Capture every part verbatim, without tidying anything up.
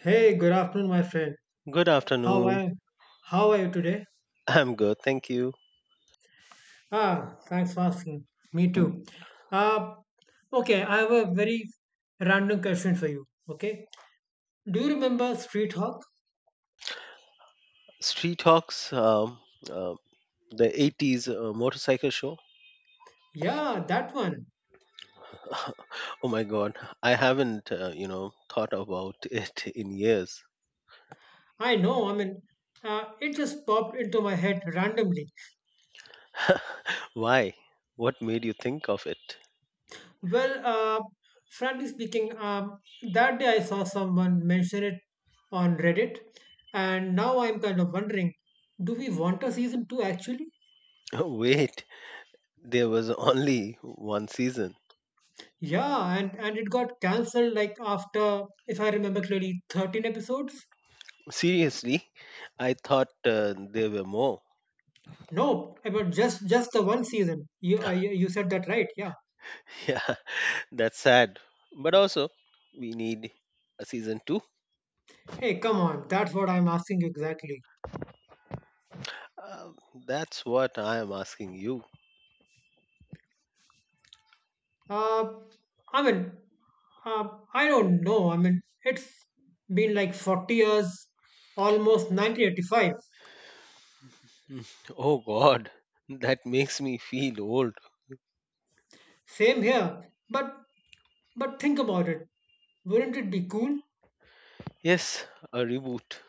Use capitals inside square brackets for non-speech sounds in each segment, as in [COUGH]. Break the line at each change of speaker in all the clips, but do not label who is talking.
Hey, good afternoon, my friend.
Good
How
afternoon.
are how are you today?
[LAUGHS] I'm good, thank you.
Ah, thanks for asking. Me too. Uh, okay, I have a very random question for you. Okay, do you remember Street Hawk?
Street Hawks, um, uh, the eighties uh, motorcycle show.
Yeah, that one.
[LAUGHS] oh my god, I haven't, uh, you know, thought about [LAUGHS] it in years.
I know. I mean, uh, it just popped into my head randomly.
[LAUGHS] Why? What made you think of it?
Well, uh, frankly speaking, um, that day I saw someone mention it on Reddit, and now I'm kind of wondering, do we want a season two actually?
[LAUGHS] Wait, there was only one season.
Yeah, and, and it got cancelled like after, if I remember clearly, thirteen episodes.
Seriously? I thought uh, there were more. [LAUGHS]
No, about just just the one season. You uh, you you said that right. Yeah.
Yeah, that's sad. But also, we need a season two.
Hey, come on. That's what I'm asking you exactly.
Um, that's what I am asking you.
Uh, I mean, uh, I don't know. I mean, it's been like forty years, almost nineteen eighty-five.
[LAUGHS] Mm, Oh god, that makes me feel old.
Same here. But but think about it. Wouldn't it be cool?
Yes, a reboot.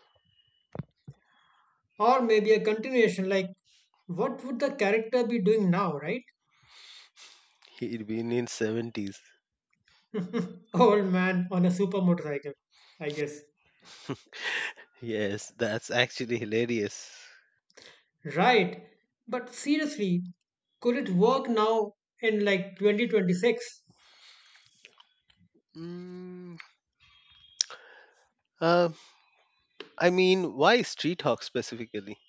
Or maybe a continuation. Like, what would the character be doing now, right?
He'd been in seventies.
[LAUGHS] Old man on a super motorcycle, I guess.
Yes, that's actually hilarious.
Right. But seriously, could it work now in like twenty twenty-six?
Mm, uh, I mean, why Street Hawk specifically?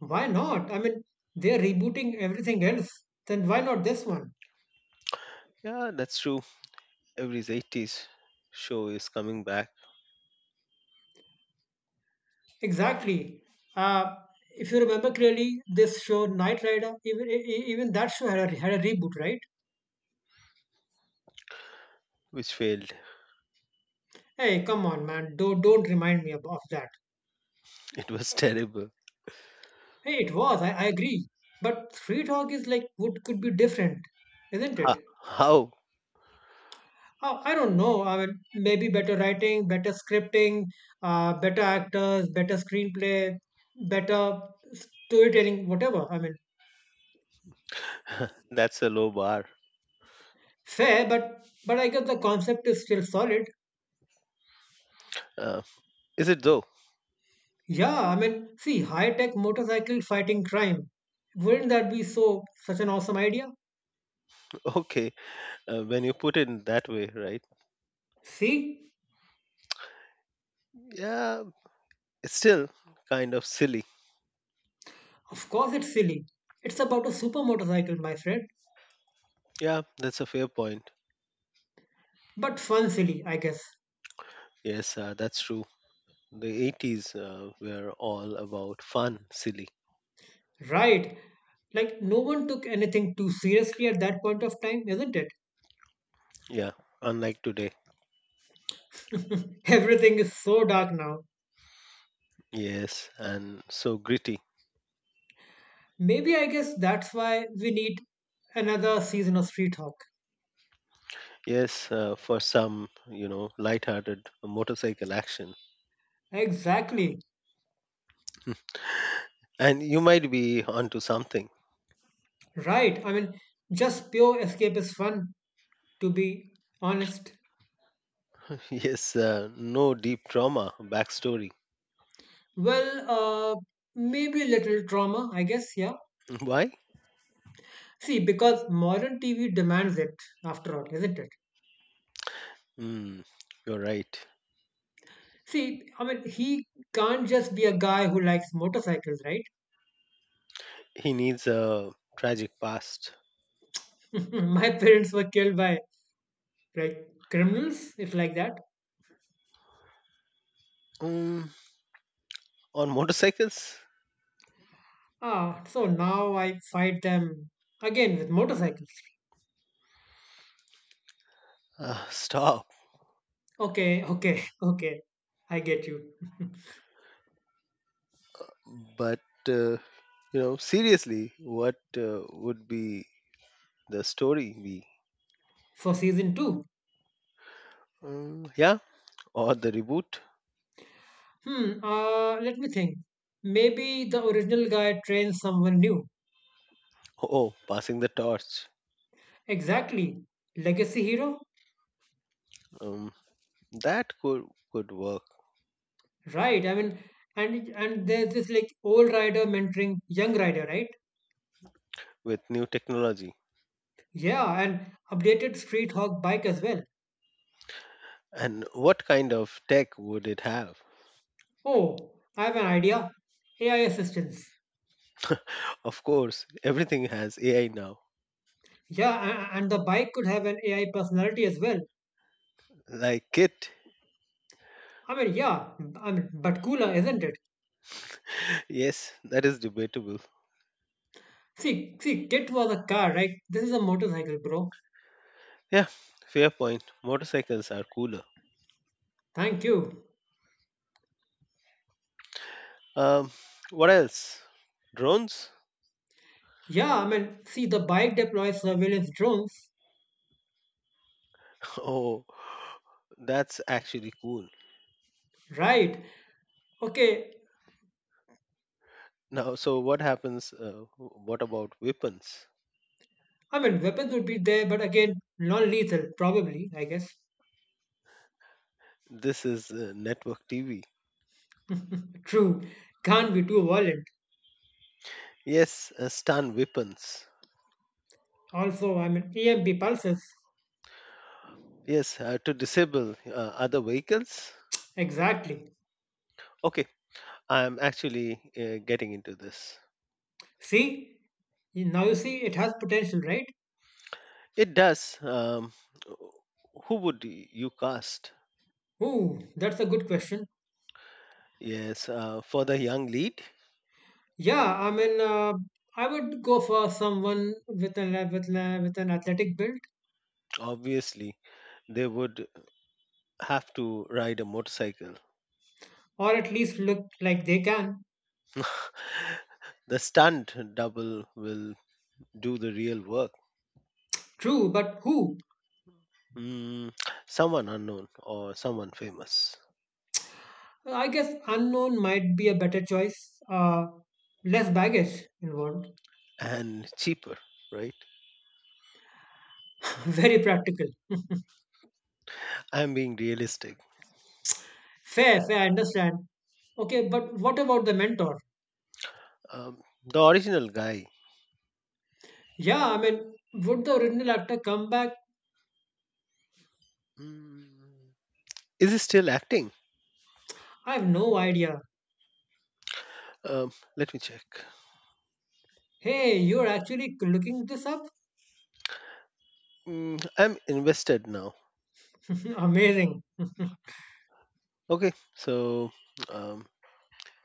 Why not? I mean, they're rebooting everything else. Then why not this one?
Yeah, that's true. Every eighties show is coming back,
Exactly. Uh, if you remember clearly, this show Knight Rider, even e- e- even that show had a, had a reboot, right?
which failed.
Hey, come on, man. Don't don't remind me of, of that.
[LAUGHS] It was terrible.
Hey, it was. I, I agree. But Street Hawk is like what could be different, isn't
Ah,
it?
how?
Oh, I don't know. I mean, maybe better writing, better scripting, uh, better actors, better screenplay, better storytelling, whatever. I mean,
[LAUGHS] that's a low bar.
fair, but but I guess the concept is still solid.
Uh, is it though?
Yeah, I mean, see, high-tech motorcycle fighting crime. Wouldn't that be so such an awesome idea?
[LAUGHS] Okay, uh, when you put it in that way, right?
See,
Yeah, it's still kind of silly.
of course it's silly. It's about a super motorcycle, my friend,
Yeah, that's a fair point.
but fun silly, I guess.
Yes, uh, that's true. The eighties uh, were all about fun, silly.
Right. Like no one took anything too seriously at that point of time, isn't it?
Yeah, unlike today.
[LAUGHS] Everything is so dark now.
Yes, and so gritty.
Maybe I guess that's why we need another season of Street Hawk.
Yes, uh, for some, you know, light-hearted motorcycle action.
Exactly.
[LAUGHS] And you might be onto something. [LAUGHS]
Right. I mean, just pure escape is fun, to be honest.
Yes, uh, no deep trauma backstory.
Well, uh, maybe a little trauma, I guess, yeah.
[LAUGHS] Why?
See, because modern T V demands it, after all, isn't it?
Hmm, you're right.
See, I mean, he can't just be a guy who likes motorcycles, right?
He needs a tragic past.
[LAUGHS] My parents were killed by, like, criminals, if like that.
Um, on motorcycles?
Ah, so now I fight them again with motorcycles.
Uh, stop.
Okay, okay, [LAUGHS] okay. I get you. [LAUGHS]
But uh, you know, seriously, what uh, would be the story be?
For season two.
Um, yeah, or the reboot?
Hmm, uh, let me think. Maybe the original guy trains someone new.
Oh, oh, passing the torch.
Exactly. Legacy hero?
Um, that could could work
Right. I mean, and and there's this like old rider mentoring young rider, right?
with new technology.
Yeah, and updated Street Hawk bike as well.
And what kind of tech would it have?
Oh, I have an idea. A I assistance.
[LAUGHS] of course, everything has A I now.
Yeah, a- and the bike could have an A I personality as well.
Like it?
I mean, yeah, I mean, but cooler, isn't it?
[LAUGHS] Yes, that is debatable.
See, see, Kit was a car, right? This is a motorcycle, bro.
Yeah, fair point. Motorcycles are cooler.
Thank you.
Um, what else? Drones?
Yeah, I mean, see, the bike deploys surveillance drones,
Oh, that's actually cool.
right? Okay,
Now, so what happens? Uh, what about weapons?
I mean, weapons would be there, but again, non-lethal, probably, I guess.
This is uh, network T V.
True, can't be too violent.
Yes, uh, stun weapons.
Also, I mean, E M P pulses,
Yes, uh, to disable uh, other vehicles.
exactly.
Okay, I'm actually uh, getting into this.
See, now you see, it has potential, right?
It does. Um, who would y- you cast?
Ooh, that's a good question.
Yes, uh, for the young lead,
Yeah, I mean, uh, I would go for someone with an with an, with an athletic build,
obviously, they would have to ride a motorcycle.
or at least look like they can.
[LAUGHS] the stunned double will do the real work.
True, but who?
Mm, someone unknown or someone famous
I guess unknown might be a better choice. Uh, less baggage involved.
and cheaper, right?
[LAUGHS] Very practical. [LAUGHS]
I'm being realistic.
Fair, fair. I understand. Okay, but what about the mentor?
Um, the original guy,
Yeah, I mean, would the original actor come back?
mm, is he still acting?
I have no idea.
Um, let me check.
Hey, you're actually looking this up?
Mm, I'm invested now.
[LAUGHS] Amazing. [LAUGHS]
Okay, so um,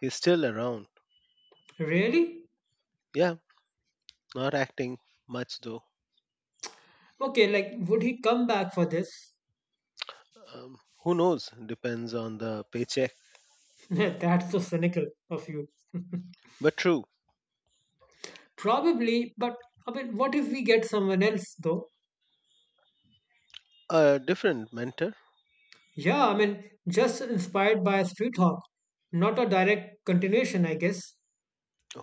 he's still around.
Really?
Yeah, not acting much though.
Okay, like, would he come back for this?
Um, who knows? Depends on the paycheck.
[LAUGHS] That's so cynical of you.
But true,
Probably, but I mean, what if we get someone else, though?
a different mentor.
Yeah, I mean, just inspired by Street Hawk, not a direct continuation, I guess.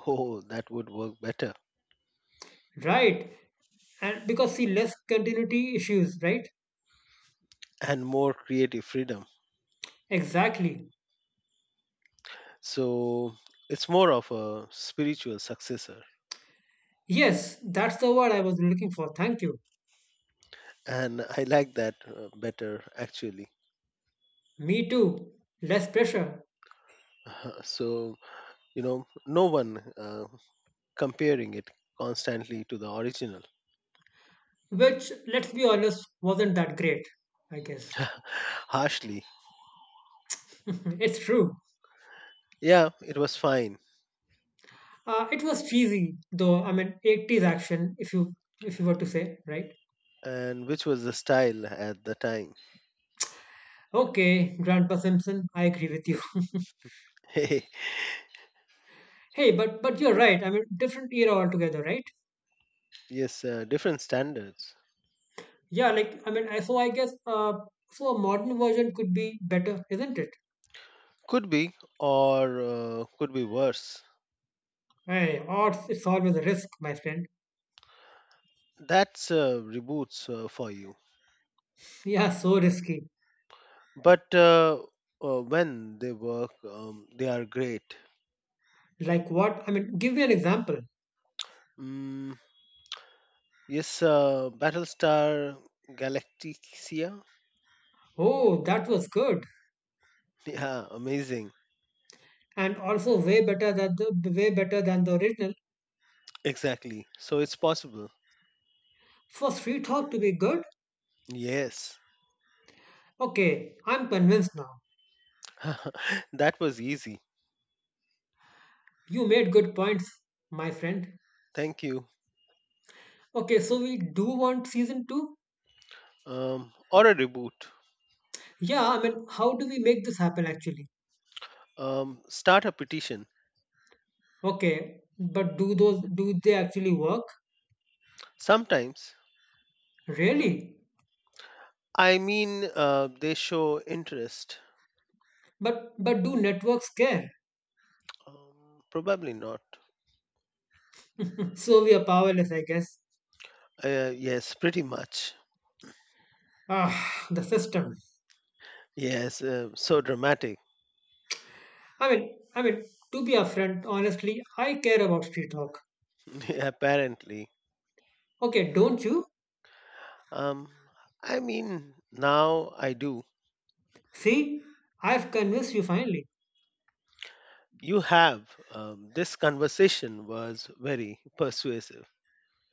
Oh, that would work better
Right, and because see, less continuity issues, right?
and more creative freedom.
Exactly.
So it's more of a spiritual successor.
Yes, that's the word I was looking for. Thank you.
And I like that uh, better, actually.
Me too. Less pressure,
[LAUGHS] so, you know, no one uh, comparing it constantly to the original
which, let's be honest, wasn't that great, I guess.
[LAUGHS] harshly.
[LAUGHS] it's true.
Yeah, it was fine.
Uh, it was cheesy though. I mean, eighties action, if you if you were to say, right?
And which was the style at the time?
Okay, Grandpa Simpson, I agree with you. [LAUGHS] hey, but but you're right. I mean, different era altogether, right?
[LAUGHS] yes, uh, different standards.
Yeah, like I mean, I so I guess uh, so a modern version could be better, isn't it?
Could be, or uh, could be worse.
Hey, odds, it's always a risk, my friend.
That's uh, reboots uh, for you.
Yeah, so risky.
but uh, uh, when they work um, they are great.
Like what? I mean, give me an example.
Mm, yes uh, battlestar galactica.
Oh, that was good,
Yeah amazing.
and also way better than the way better than the original.
Exactly so it's possible.
For Street Hawk to be good,
Yes
okay, I'm convinced now.
[LAUGHS] that was easy.
You made good points, my friend.
Thank you.
Okay, so we do want season two.
Um, or a reboot.
Yeah, I mean, how do we make this happen actually?
Um, start a petition.
Okay, but do those do they actually work?
Sometimes
Really?
i mean uh, they show interest.
But but do networks care?
Um, probably not.
[LAUGHS] so we are powerless, I guess.
Uh, yes pretty much.
Ah, the system.
Yes uh, so dramatic.
I mean, I mean, to be upfront, honestly, I care about street talk.
[LAUGHS] Apparently.
Okay, don't you?
Um, I mean, now I do.
See, I've convinced you finally.
You have. Um, this conversation was very persuasive.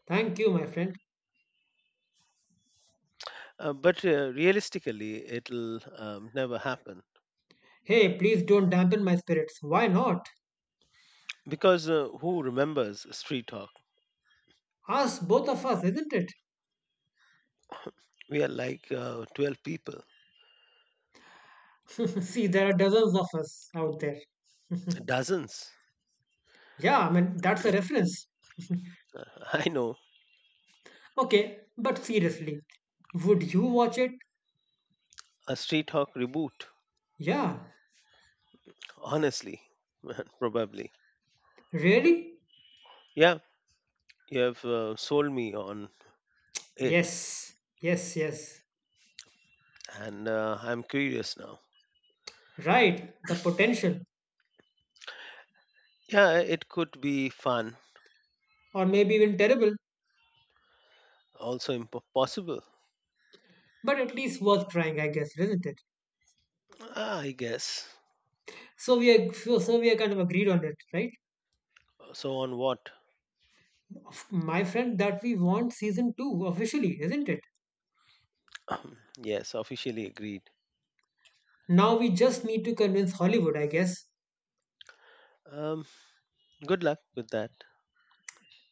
Thank you, my friend.
Uh, but uh, realistically, it'll um, never happen.
Hey, please don't dampen my spirits. Why not?
Because uh, who remembers street talk?
Us, both of us, isn't it?
We are like uh, twelve people,
[LAUGHS] see, there are dozens of us out there.
dozens.
Yeah, I mean, that's a reference.
[LAUGHS] I know.
Okay, but seriously, would you watch it?
A street talk reboot,
Yeah.
honestly, [LAUGHS] probably.
Really?
Yeah, you have uh, sold me on it,
Yes. Yes, yes.
and uh, I'm curious now.
Right. The potential,
Yeah, it could be fun.
or maybe even terrible,
Also impo- possible.
but at least worth trying, I guess, isn't it?
Ah, I guess.
So we are so, so we are kind of agreed on it, right?
So on what?
My friend, that we want season two officially, isn't it?
[CLEARS THROAT] yes, officially agreed.
Now we just need to convince Hollywood, I guess.
Um, good luck with that.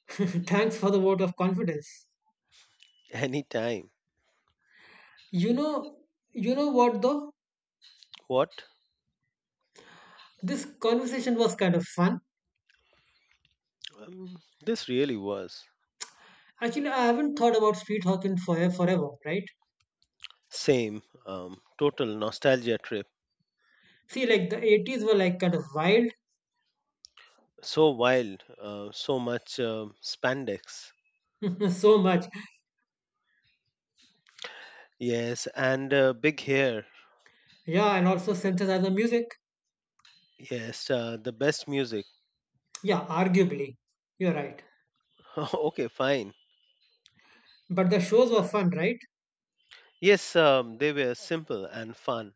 [LAUGHS] Thanks for the vote of confidence.
[LAUGHS] Anytime.
You know, you know what though?
What?
This conversation was kind of fun.
Um, this really was
Actually, I haven't thought about Sweet Hawkins for forever, right?
same um, total nostalgia trip.
See, like the eighties were like kind of wild,
So wild, uh, so much um spandex.
[LAUGHS] so much.
Yes, and uh, big hair.
Yeah, and also synthesizer music.
Yes, uh, the best music.
Yeah, arguably. You're right.
[LAUGHS] okay, fine.
But the shows were fun, right?
Yes, um, they were simple and fun.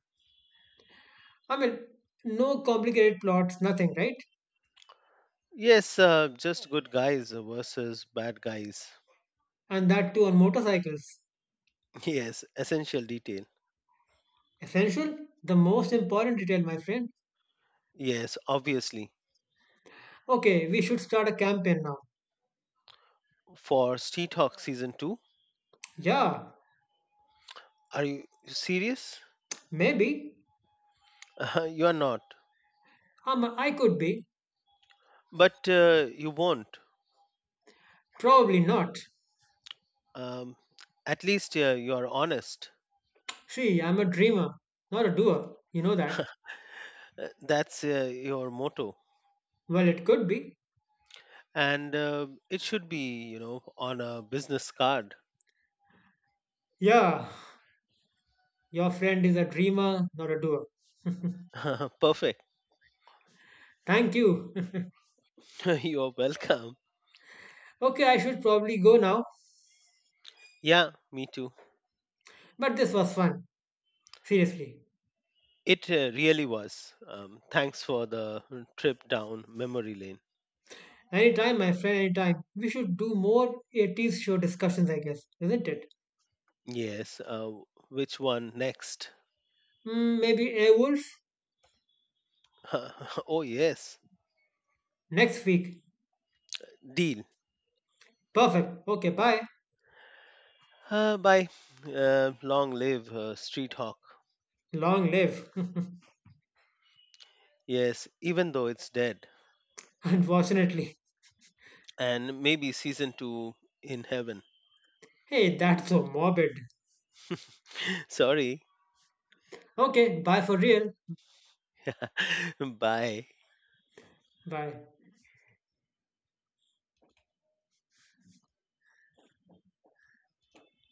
I mean, no complicated plots, nothing, right?
Yes, uh, just good guys versus bad guys.
And that too on motorcycles.
Yes, essential detail.
Essential? The most important detail, my friend.
Yes, obviously.
Okay, we should start a campaign now.
For Street Hawk Season two,
Yeah,
are you serious?
maybe.
[LAUGHS] you are not.
Um, I could be.
But uh, you won't.
Probably not.
Um, at least uh, you are honest.
See, I'm a dreamer, not a doer. You know that.
Uh, That's uh, your motto.
Well, it could be.
And uh, it should be, you know, on a business card.
Yeah, your friend is a dreamer, not a doer.
[LAUGHS] Perfect.
Thank you.
[LAUGHS] You're welcome.
[LAUGHS] okay, I should probably go now.
Yeah, me too.
But this was fun. Seriously.
It uh, really was. Um, thanks for the trip down memory lane.
Anytime, my friend, anytime. We should do more eighties show discussions, I guess, isn't it?
Yes, uh, which one next?
Mm, maybe Airwolf?
[LAUGHS] oh, yes.
Next week.
Deal.
Perfect. Okay, bye.
Uh, by uh, long live uh, Street Hawk.
Long live. [LAUGHS]
Yes, even though it's dead.
Unfortunately.
And maybe season two in heaven.
Hey, that's so morbid.
[LAUGHS] Sorry.
Okay, bye for real.
[LAUGHS] Bye.
Bye.